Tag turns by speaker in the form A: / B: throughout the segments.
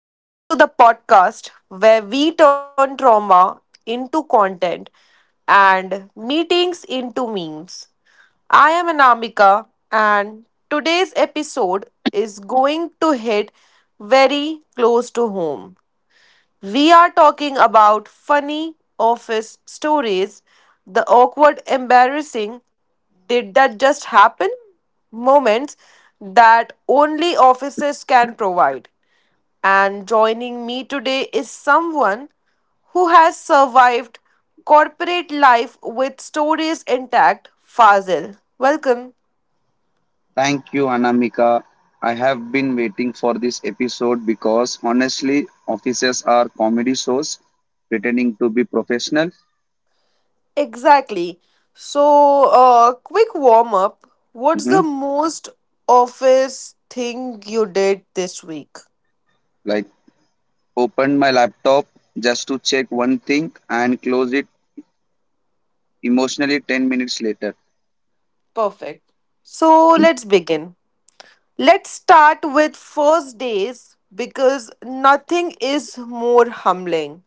A: Welcome back to the podcast where we turn trauma into content and meetings into memes. I am Anamika, and today's episode is going to hit very close to home. We are talking about funny office stories, the awkward, embarrassing, did that just happen moments that only offices can provide. And joining me today is someone who has survived corporate life with stories intact, Fazil. Welcome.
B: Thank you, Anamika. I have been waiting for this episode because honestly, offices are comedy shows pretending to be professional.
A: Exactly. So, quick warm up. What's
B: hmm
A: the most office thing you did this week?
B: Like, opened my laptop just to check one thing and close it emotionally 10 minutes later.
A: Perfect. So, let's begin. Let's start with first days because nothing is more humbling.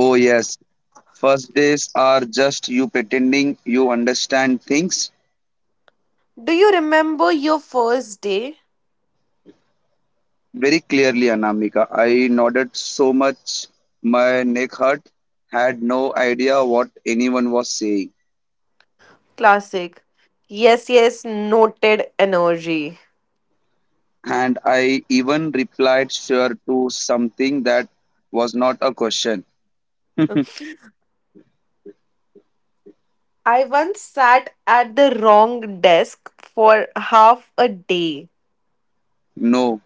B: Oh, yes, first days are just you pretending you understand things
A: Do you remember your first day?
B: very clearly, Anamika. I nodded so much my neck hurt, had no idea what anyone was saying.
A: Classic. Yes, yes, noted energy.
B: And I even replied sure to something that was not a question.
A: I once sat at the wrong desk for half a day.
B: No.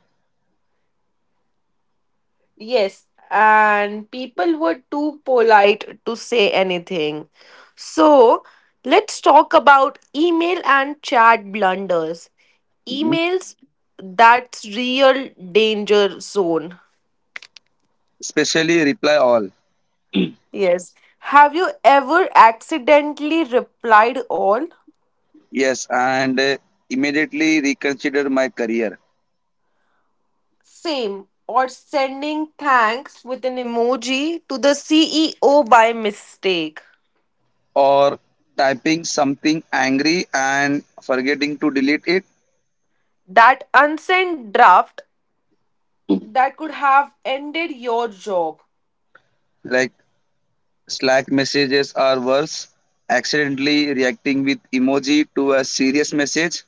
A: Yes, and people were too polite to say anything. So, let's talk about email and chat blunders.
B: Mhm.
A: Emails, that's real danger zone.
B: Especially reply all.
A: Yes. Have you ever accidentally replied all?
B: Yes, and immediately reconsider my career.
A: Same. Or sending thanks with an emoji to the CEO by mistake.
B: Or typing something angry and forgetting to delete it.
A: That unsent draft that could have ended your job.
B: Like Slack messages are worse. Accidentally reacting with emoji to a serious message.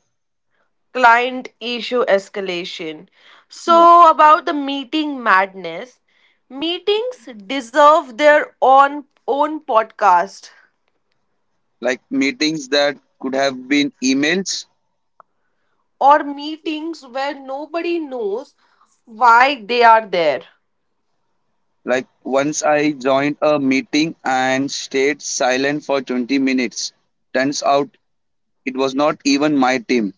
A: Client issue escalation.
B: Yeah.
A: So, about the meeting madness, meetings deserve their own podcast
B: Like meetings that could have been emails.
A: or meetings where nobody knows why they are there.
B: Like once I joined a meeting and stayed silent for 20 minutes. Turns out it was not even my team.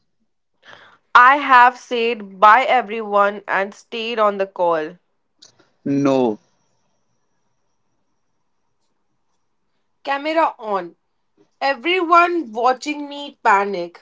A: I have said bye everyone and stayed on the call.
B: No.
A: Camera on. Everyone watching me panic.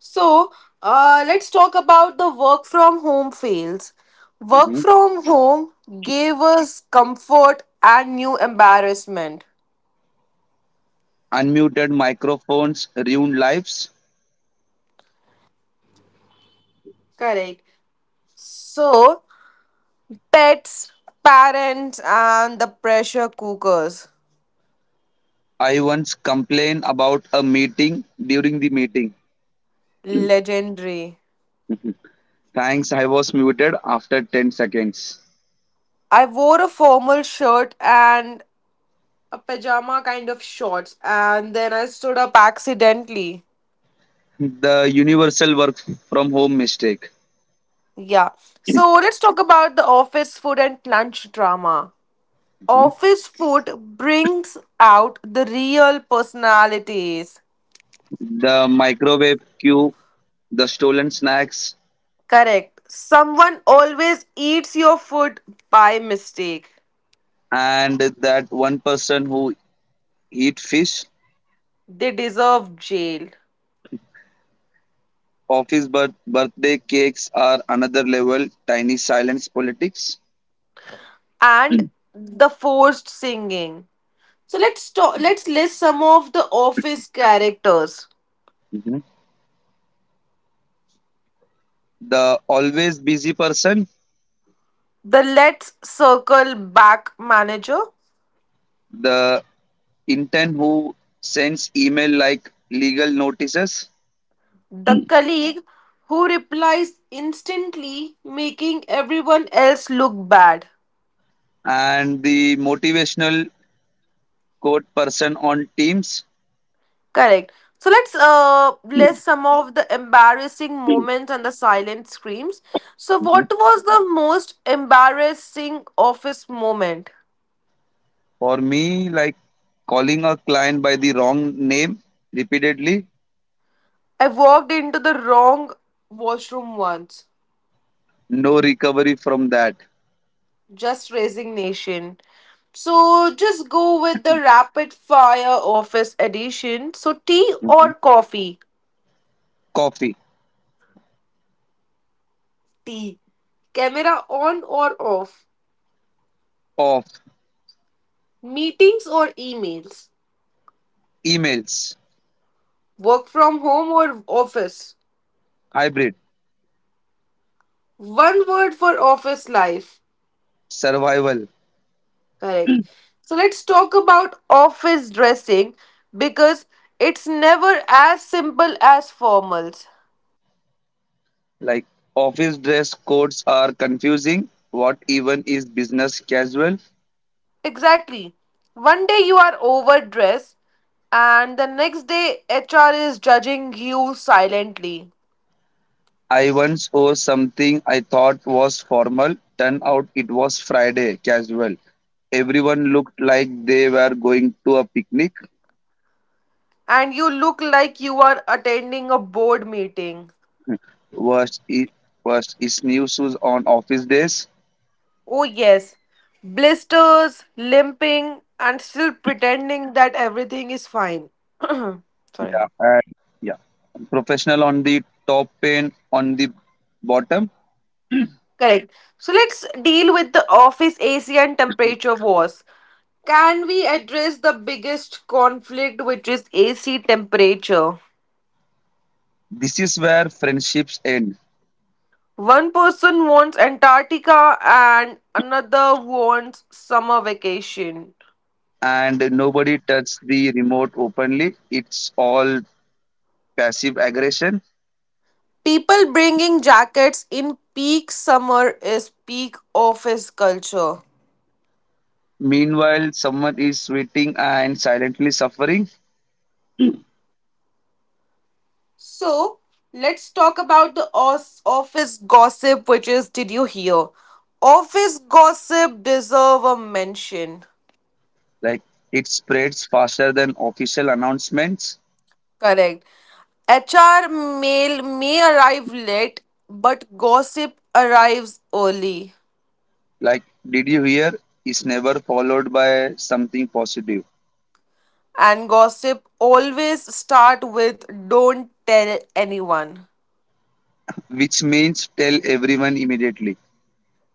A: So, let's talk about the work from home fails. Work
B: Mhm.
A: from home gave us comfort and new embarrassment.
B: Unmuted microphones ruin lives.
A: Correct. So, pets, parents, and the pressure cookers.
B: I once complained about a meeting during the meeting.
A: Legendary.
B: Thanks, I was muted after 10 seconds.
A: I wore a formal shirt and a pajama kind of shorts, and then I stood up accidentally.
B: The universal work from home mistake.
A: Yeah. So, let's talk about the office food and lunch drama.
B: Mhm.
A: Office food brings out the real personalities.
B: The microwave queue, the stolen snacks,
A: Correct. Someone always eats your food by mistake.
B: and that one person who eat fish.
A: They deserve jail.
B: Office birthday cakes are another level. Tiny silence politics.
A: And the forced singing. So let's list some of the office characters.
B: Mhm. The always busy person.
A: The let's circle back manager,
B: The intern who sends email like legal notices.
A: the colleague who replies instantly, making everyone else look bad.
B: And the motivational quote person on Teams.
A: Correct. So let's list some of the embarrassing moments and the silent screams. So
B: Mhm.
A: what was the most embarrassing office moment?
B: For me, like calling a client by the wrong name repeatedly.
A: I walked into the wrong washroom once.
B: No recovery from that.
A: Just resignation. So just go with the rapid fire office edition. So tea
B: Mhm.
A: or coffee?
B: Coffee.
A: Tea. Camera on or off?
B: Off.
A: Meetings or emails?
B: Emails.
A: Work from home or office?
B: Hybrid.
A: One word for office life.
B: Survival.
A: Correct. So let's talk about office dressing because it's never as simple as formals.
B: Like office dress codes are confusing. What even is business casual?
A: Exactly. One day you are overdressed, and the next day HR is judging you silently,
B: I once wore something I thought was formal. Turned out it was Friday casual. Everyone looked like they were going to a picnic.
A: and you look like you are attending a board meeting.
B: Worst is, Worst is new shoes on office days.
A: Oh, yes. Blisters, limping, and still pretending that everything is fine. Sorry.
B: Yeah, and yeah, professional on the top and on the bottom.
A: Correct. So let's deal with the office AC and temperature wars. Can we address the biggest conflict, which is AC temperature?
B: This is where friendships end.
A: One person wants Antarctica and another wants summer vacation.
B: And nobody touched the remote openly. It's all passive aggression.
A: People bringing jackets in peak summer is peak office culture.
B: Meanwhile, someone is sweating and silently suffering.
A: So let's talk about the office gossip, which is did you hear? Office gossip deserve a mention.
B: Like it spreads faster than official announcements.
A: Correct. HR mail may arrive late, but gossip arrives early.
B: Like, did you hear? Is never followed by something positive,
A: And gossip always start with don't tell anyone.
B: which means tell everyone immediately,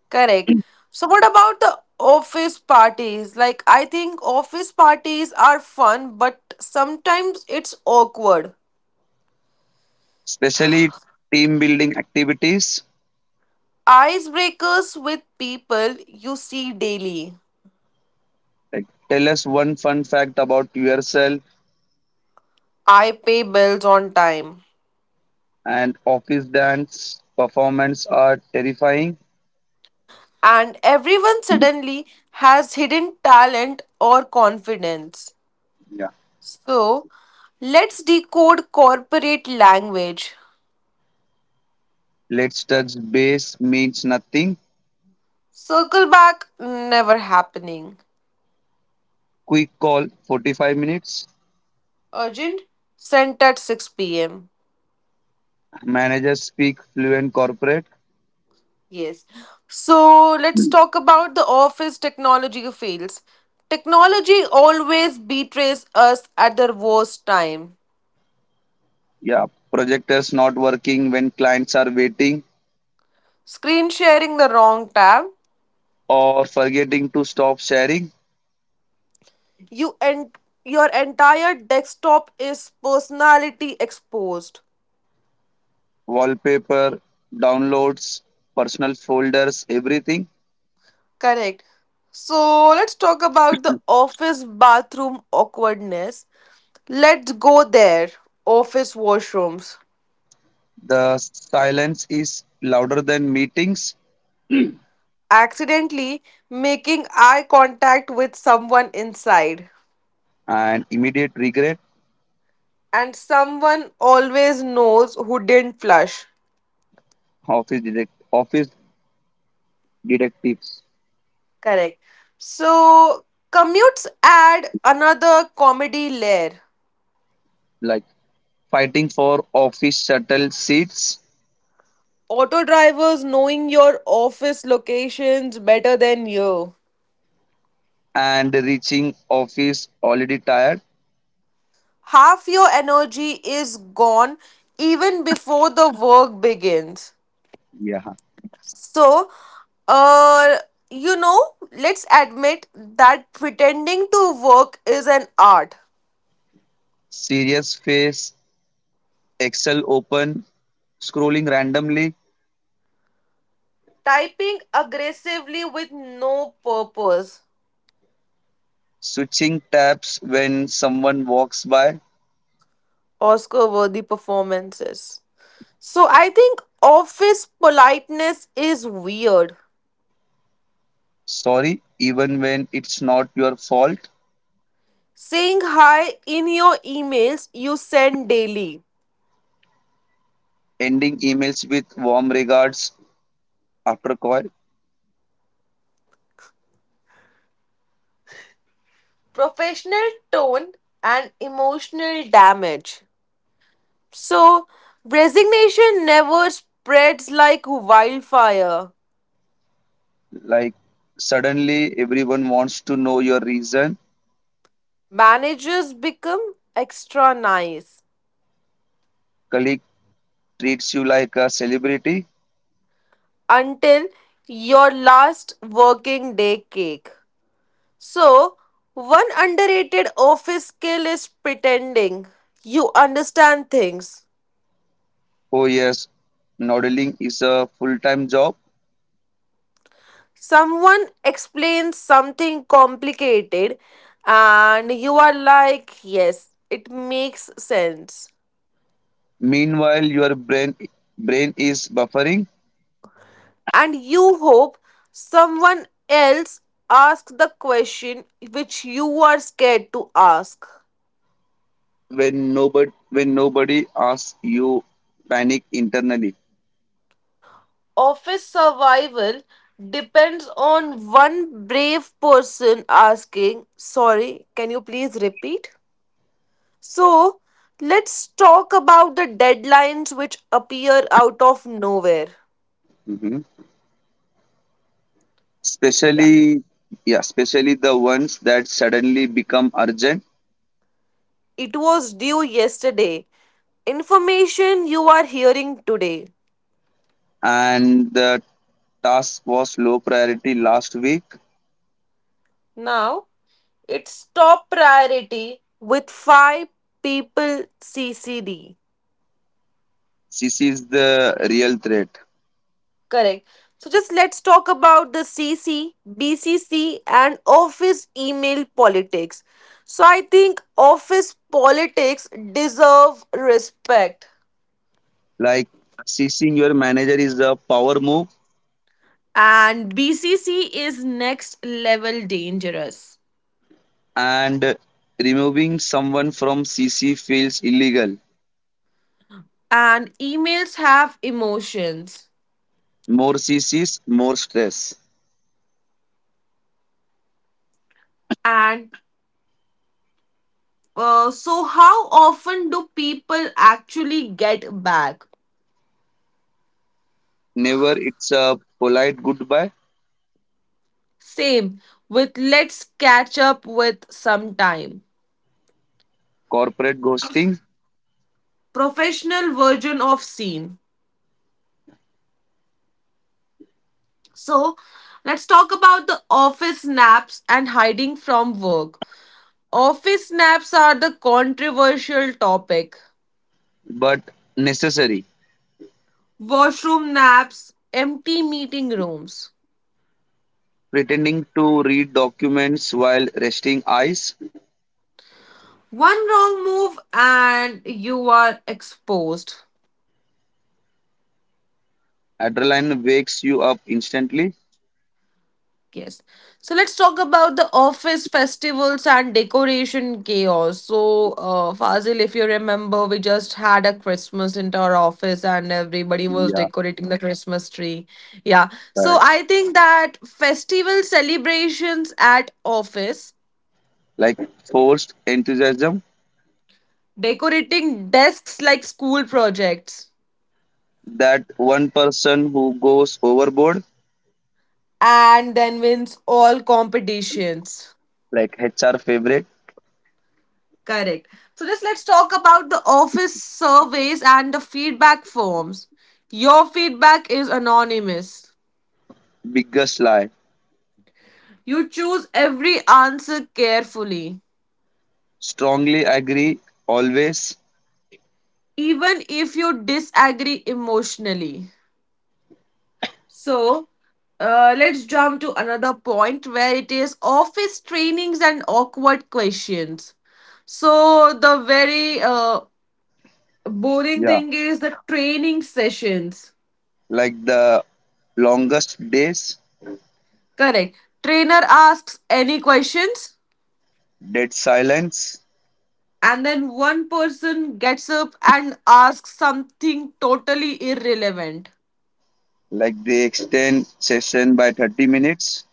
A: Correct. So what about the office parties? Like I think office parties are fun, but sometimes it's awkward.
B: especially team building activities.
A: Icebreakers with people you see daily.
B: Like, tell us one fun fact about yourself,
A: I pay bills on time.
B: and office dance performance are terrifying.
A: And everyone
B: Yeah.
A: suddenly has hidden talent or confidence. So, let's decode corporate language.
B: Let's touch base means nothing.
A: Circle back, never happening.
B: Quick call 45 minutes.
A: Urgent, sent at 6 pm.
B: Managers speak fluent corporate.
A: Yes. So, let's talk about the office technology fails. Technology always betrays us at the worst time.
B: Yeah, projectors not working when clients are waiting
A: Screen sharing the wrong tab.
B: or forgetting to stop sharing.
A: You and your entire desktop is personality exposed.
B: Wallpaper, downloads, personal folders, everything.
A: Correct. So let's talk about the office bathroom awkwardness. Let's go there. Office washrooms.
B: The silence is louder than meetings
A: Accidentally making eye contact with someone inside.
B: and immediate regret.
A: And someone always knows who didn't flush.
B: Office detectives
A: Correct. So commutes add another comedy layer.
B: like fighting for office shuttle seats
A: Auto drivers knowing your office locations better than you.
B: and reaching office already tired.
A: Half your energy is gone even before the work begins.
B: Yeah.
A: So, uh, you know, let's admit that pretending to work is an art.
B: Serious face, Excel open, scrolling randomly,
A: Typing aggressively with no purpose.
B: switching tabs when someone walks by.
A: Oscar worthy performances. So, I think office politeness is weird.
B: Sorry, even when it's not your fault.
A: Saying hi in your emails you send daily.
B: Ending emails with warm regards after call.
A: Professional tone and emotional damage. So, resignation never spreads like wildfire.
B: Like suddenly everyone wants to know your reason.
A: Managers become extra nice
B: Colleague treats you like a celebrity.
A: until your last working day cake. So, one underrated office skill is pretending you understand things.
B: Oh yes, modeling is a full-time job.
A: Someone explains something complicated and you are like, yes, it makes sense.
B: Meanwhile, your brain is buffering.
A: And you hope someone else asks the question which you are scared to ask.
B: When nobody asks, you panic internally.
A: Office survival depends on one brave person asking, sorry, can you please repeat? So, let's talk about the deadlines which appear out of nowhere.
B: hmm
A: Yeah.
B: Especially yeah, especially the ones that suddenly become urgent
A: It was due yesterday. Information you are hearing today.
B: and the task was low priority last week.
A: Now it's top priority with five people CCD.
B: This is the real threat.
A: Correct. So just let's talk about the CC, BCC, and office email politics. So I think office politics deserve respect.
B: Like ceasing your manager is a power move
A: And BCC is next level dangerous.
B: and removing someone from CC feels illegal.
A: And emails have emotions.
B: More CCs, more stress.
A: And so, how often do people actually get back?
B: Never it's a polite goodbye,
A: Same with let's catch up with some time.
B: corporate ghosting,
A: Professional version of scene. So, let's talk about the office naps and hiding from work. Office naps are the controversial topic.
B: but necessary.
A: Washroom naps, empty meeting rooms.
B: Pretending to read documents while resting eyes,
A: One wrong move and you are exposed.
B: adrenaline wakes you up instantly.
A: Yes. So let's talk about the office festivals and decoration chaos. So, Fazil, if you remember, we just had a Christmas into our office and everybody was
B: Yeah,
A: decorating the Christmas tree. Yeah. So
B: correct.
A: I think that festival celebrations at office,
B: Like forced enthusiasm,
A: decorating desks like school projects,
B: that one person who goes overboard,
A: and then wins all competitions.
B: like HR favorite,
A: Correct. So just let's talk about the office surveys and the feedback forms. Your feedback is anonymous.
B: biggest lie.
A: You choose every answer carefully,
B: Strongly agree, always.
A: even if you disagree emotionally. So, let's jump to another point where it is office trainings and awkward questions. So, the very boring
B: Yeah.
A: thing is the training sessions.
B: Like the longest days,
A: Correct. Trainer asks any questions
B: dead silence.
A: and then one person gets up and asks something totally irrelevant.
B: Like they extend session by 30 minutes,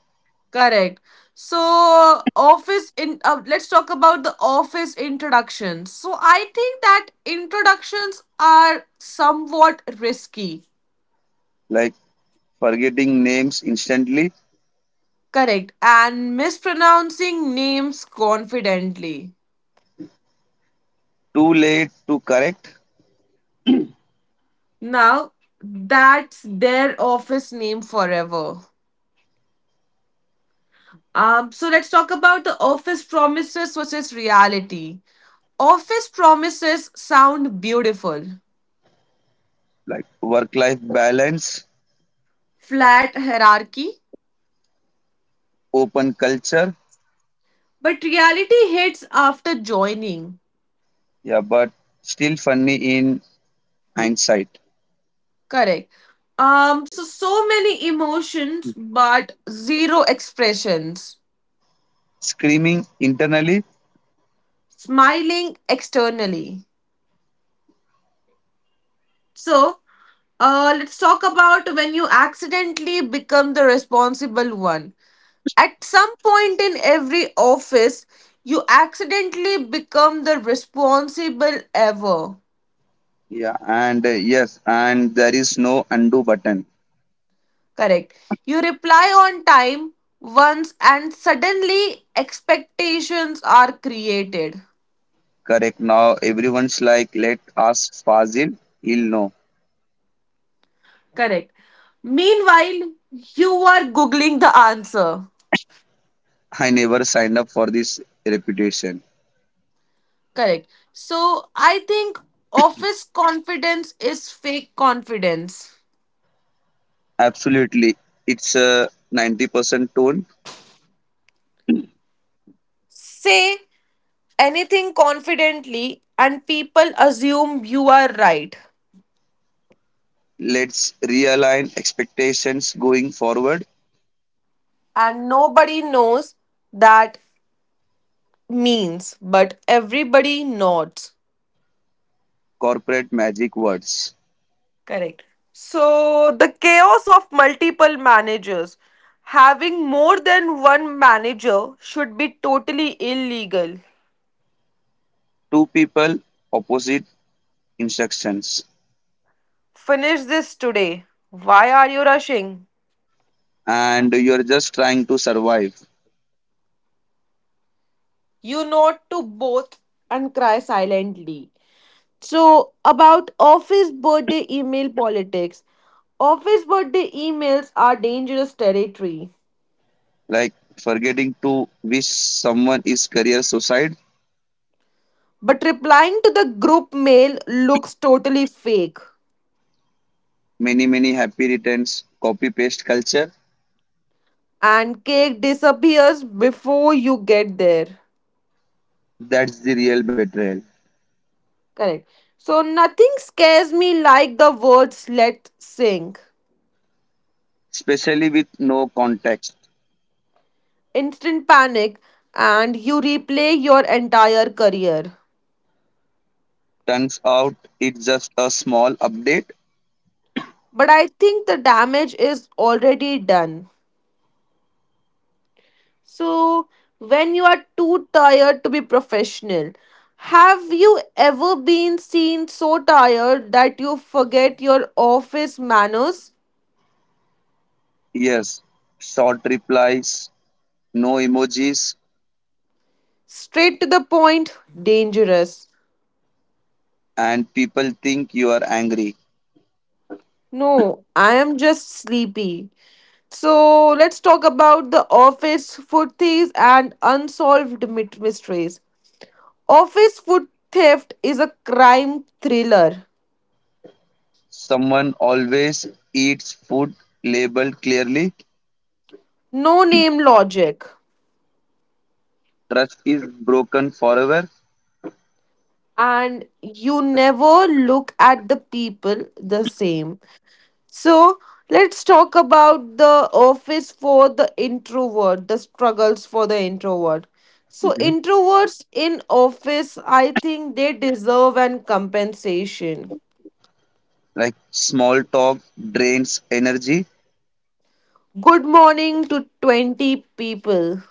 A: Correct. So office in let's talk about the office introductions. So I think that introductions are somewhat risky.
B: like forgetting names instantly,
A: Correct. And mispronouncing names confidently.
B: too late to correct,
A: Now that's their office name forever. So let's talk about the office promises versus reality. Office promises sound beautiful,
B: like work life balance,
A: flat hierarchy,
B: open culture,
A: but reality hits after joining.
B: yeah, but still funny in hindsight.
A: Correct. So many emotions, but zero expressions.
B: Screaming internally,
A: Smiling externally. So, let's talk about when you accidentally become the responsible one. At some point in every office, you accidentally become the responsible ever.
B: yeah, and yes, and there is no undo button.
A: Correct. You reply on time once and suddenly expectations are created.
B: Correct now, everyone's like, let us Fazil, he'll know.
A: Correct. Meanwhile, you are googling the answer.
B: I never signed up for this reputation.
A: Correct. So I think office confidence is fake confidence.
B: Absolutely, it's a 90% tone.
A: Say anything confidently and people assume you are right
B: Let's realign expectations going forward.
A: and nobody knows that means but everybody nods
B: Corporate magic words.
A: correct. So the chaos of multiple managers, having more than one manager should be totally illegal.
B: Two people, opposite instructions.
A: Finish this today, why are you rushing?
B: And you're just trying to survive.
A: You nod to both and cry silently. So, about office birthday email politics. Office birthday emails are dangerous territory.
B: Like forgetting to wish someone is career suicide.
A: But replying to the group mail looks totally fake.
B: Many, many happy returns. Copy paste culture.
A: And cake disappears before you get there.
B: That's the real betrayal.
A: Correct. So, nothing scares me like the words let's sink.
B: Especially with no context.
A: Instant panic, and you replay your entire career.
B: Turns out it's just a small update.
A: But I think the damage is already done. So, when you are too tired to be professional, have you ever been seen so tired that you forget your office manners?
B: Yes. Short replies, no emojis,
A: Straight to the point, dangerous.
B: and people think you are angry.
A: No, I am just sleepy. So, let's talk about the office food thieves and unsolved mysteries. Office food theft is a crime thriller.
B: Someone always eats food labeled clearly.
A: No name logic.
B: Trust is broken forever.
A: And you never look at the people the same. So let's talk about the office for the introvert, the struggles for the introvert. So
B: Mhm.
A: introverts in office, I think they deserve an compensation.
B: Like small talk drains energy,
A: Good morning to 20 people.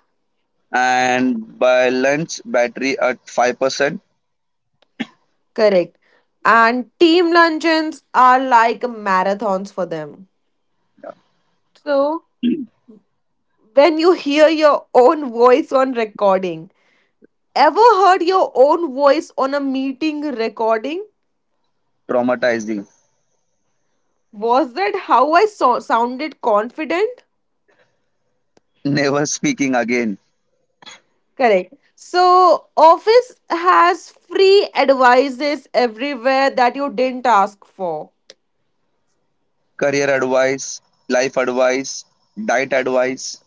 B: and by lunch, battery at 5%.
A: Correct. And team luncheons are like marathons for them. So when you hear your own voice on recording. Ever heard your own voice on a meeting recording?
B: Traumatizing.
A: Was that how I sounded confident?
B: Never speaking again.
A: Correct. So, Office has free advices everywhere that you didn't ask for.
B: Career advice, life advice, diet advice.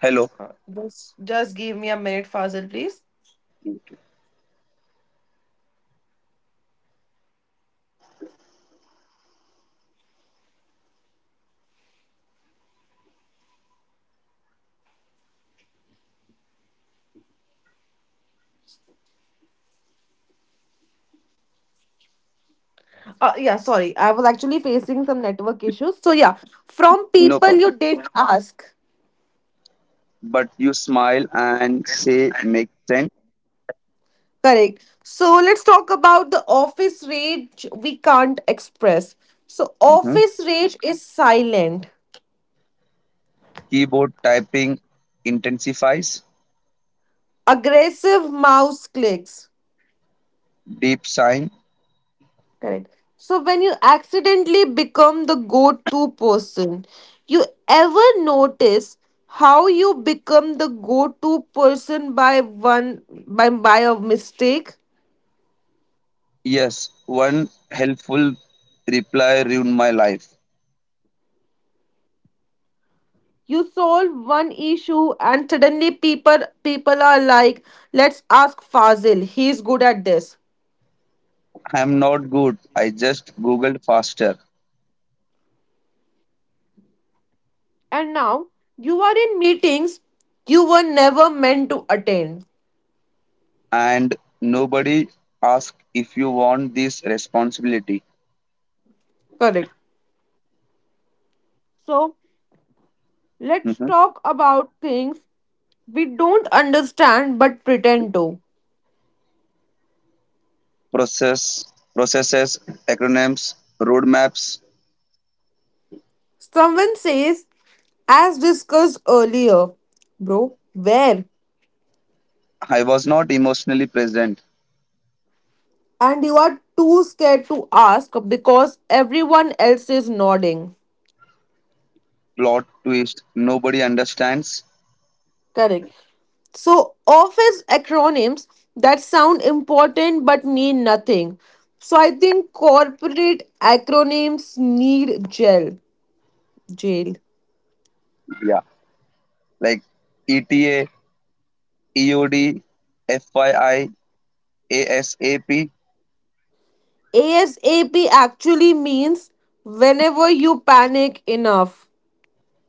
B: Hello,
A: Uh, just, give me a minute, Fazil, please. Yeah, sorry. I was actually facing some network issues. So, yeah, from
B: no
A: people
B: problem.
A: you didn't ask.
B: But you smile and say, make sense.
A: Correct. So let's talk about the office rage we can't express. So
B: Mhm.
A: office rage is silent,
B: Keyboard typing intensifies.
A: aggressive mouse clicks.
B: Deep sign.
A: Correct. So when you accidentally become the go-to person, you ever notice how you become the go-to person by one by a mistake?
B: Yes, one helpful reply ruined my life.
A: You solve one issue and suddenly people are like, let's ask Fazil, he's good at this
B: I'm not good. I just Googled faster.
A: and now you are in meetings you were never meant to attend.
B: And nobody asked if you want this responsibility.
A: Correct. So let's
B: Mhm.
A: talk about things we don't understand but pretend to.
B: Process, processes, acronyms, roadmaps.
A: Someone says, as discussed earlier, bro, where?
B: I was not emotionally present.
A: And you are too scared to ask because everyone else is nodding.
B: Plot twist. Nobody understands.
A: Correct. So, office acronyms that sound important but mean nothing. So, I think corporate acronyms need gel. Jail.
B: Yeah. Like ETA EOD FYI. ASAP.
A: ASAP actually means whenever you panic enough,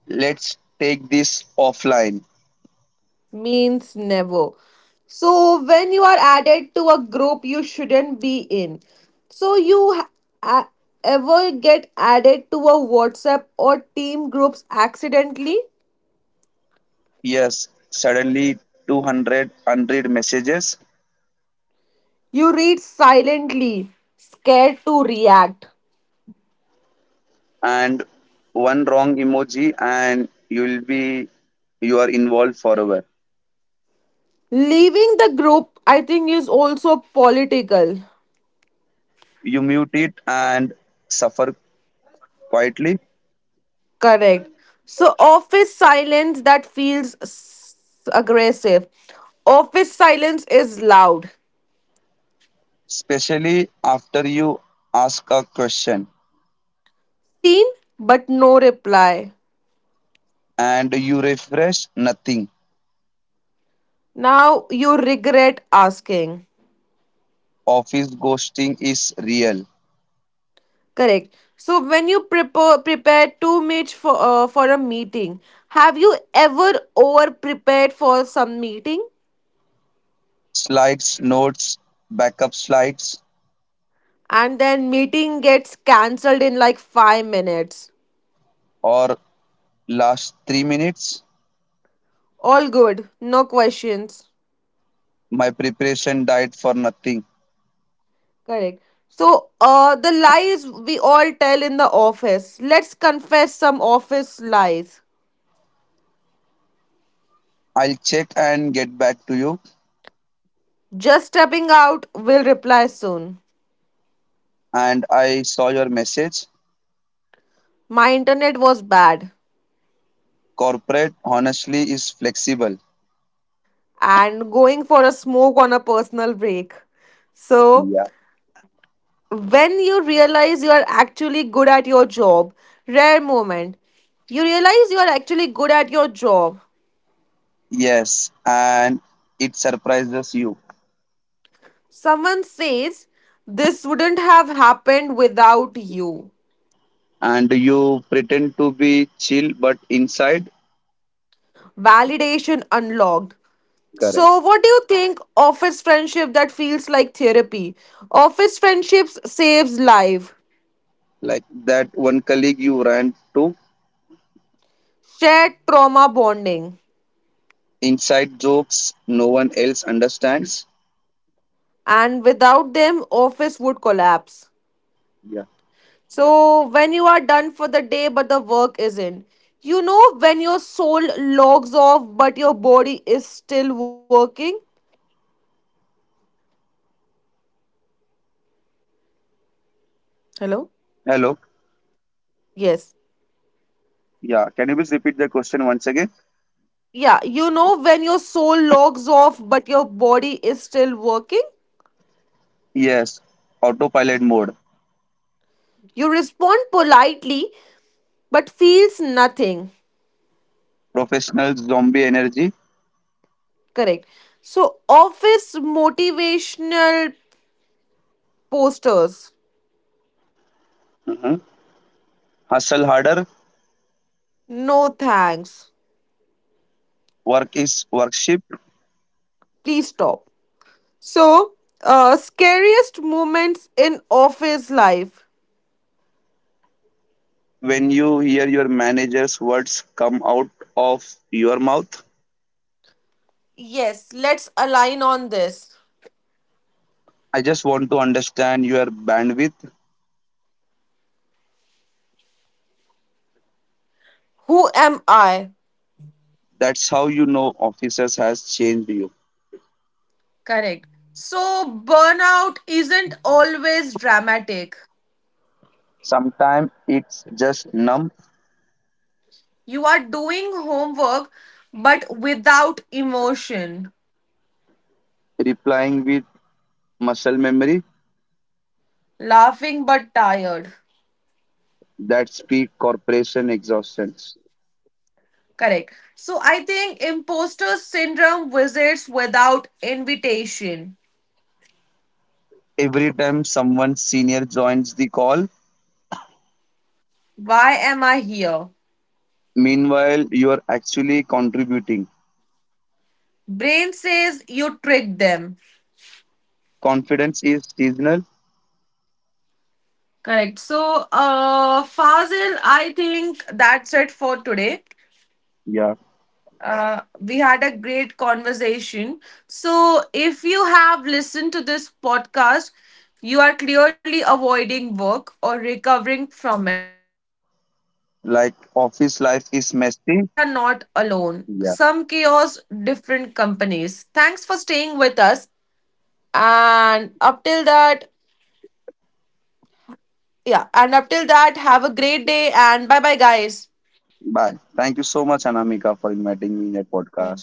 B: Let's take this offline.
A: means never. So, when you are added to a group you shouldn't be in, so you a- ever get added to a WhatsApp or team groups accidentally?
B: Yes, suddenly 200 unread messages
A: You read silently, scared to react.
B: and one wrong emoji, and you are involved forever.
A: Leaving the group, I think, is also political.
B: You mute it and suffer quietly,
A: Correct. So, office silence that feels aggressive. Office silence is loud.
B: especially after you ask a question
A: Seen, but no reply.
B: and you refresh nothing.
A: Now you regret asking.
B: Office ghosting is real.
A: Correct. So when you prepare too much for for a meeting, have you ever over prepared for some meeting?
B: Slides, notes, backup slides,
A: And then meeting gets cancelled in like 5 minutes,
B: or last 3 minutes.
A: all good, no questions.
B: My preparation died for nothing.
A: Correct. So the lies we all tell in the office, let's confess some office lies.
B: I'll check and get back to you.
A: Just stepping out, will reply soon.
B: And I saw your message.
A: My internet was bad.
B: Corporate honestly is flexible.
A: And going for a smoke on a personal break. So
B: Yeah.
A: when you realize you are actually good at your job, rare moment, you realize you are actually good at your job.
B: Yes. And it surprises you.
A: Someone says, this wouldn't have happened without you.
B: And you pretend to be chill, but inside,
A: Validation unlocked.
B: correct.
A: So, what do you think office friendship that feels like therapy? Office friendships saves life,
B: Like that one colleague you ran to,
A: shared trauma bonding,
B: inside jokes no one else understands.
A: and without them, office would collapse.
B: Yeah.
A: So, when you are done for the day but the work isn't, you know when your soul logs off but your body is still working? Hello?
B: Hello.
A: Yes.
B: Yeah. Can you please repeat the question once again?
A: Yeah, you know, when your soul logs off but your body is still working,
B: Yes. Autopilot mode,
A: you respond politely but feels nothing.
B: professional zombie energy.
A: Correct. So, office motivational posters.
B: Mhm. Hustle harder,
A: No thanks.
B: work is worship.
A: Please stop. So, scariest moments in office life.
B: When you hear your manager's words come out of your mouth,
A: Yes, let's align on this.
B: I just want to understand your bandwidth.
A: Who am I?
B: That's how you know officers has changed you.
A: Correct. So, burnout isn't always dramatic.
B: Sometimes it's just numb,
A: You are doing homework but without emotion,
B: replying with muscle memory,
A: laughing but tired.
B: that speak corporation exhaustions.
A: Correct. So I think imposter syndrome visits without invitation.
B: Every time someone senior joins the call,
A: Why am I here?
B: meanwhile you are actually contributing.
A: Brain says you tricked them.
B: Confidence is seasonal.
A: Correct. So, Fazil, I think that's it for today.
B: Yeah.
A: We had a great conversation. So, if you have listened to this podcast, you are clearly avoiding work or recovering from it. Office life is
B: Like
A: messy,
B: office life
A: but
B: is
A: at least we
B: messy.
A: are not alone.
B: Yeah.
A: Some chaos, different companies. Thanks for staying with us. And up till that, yeah, and up till that, have a great day and bye bye, guys.
B: Bye. Thank you so much, Anamika, for inviting me in your
A: Bye.
B: podcast.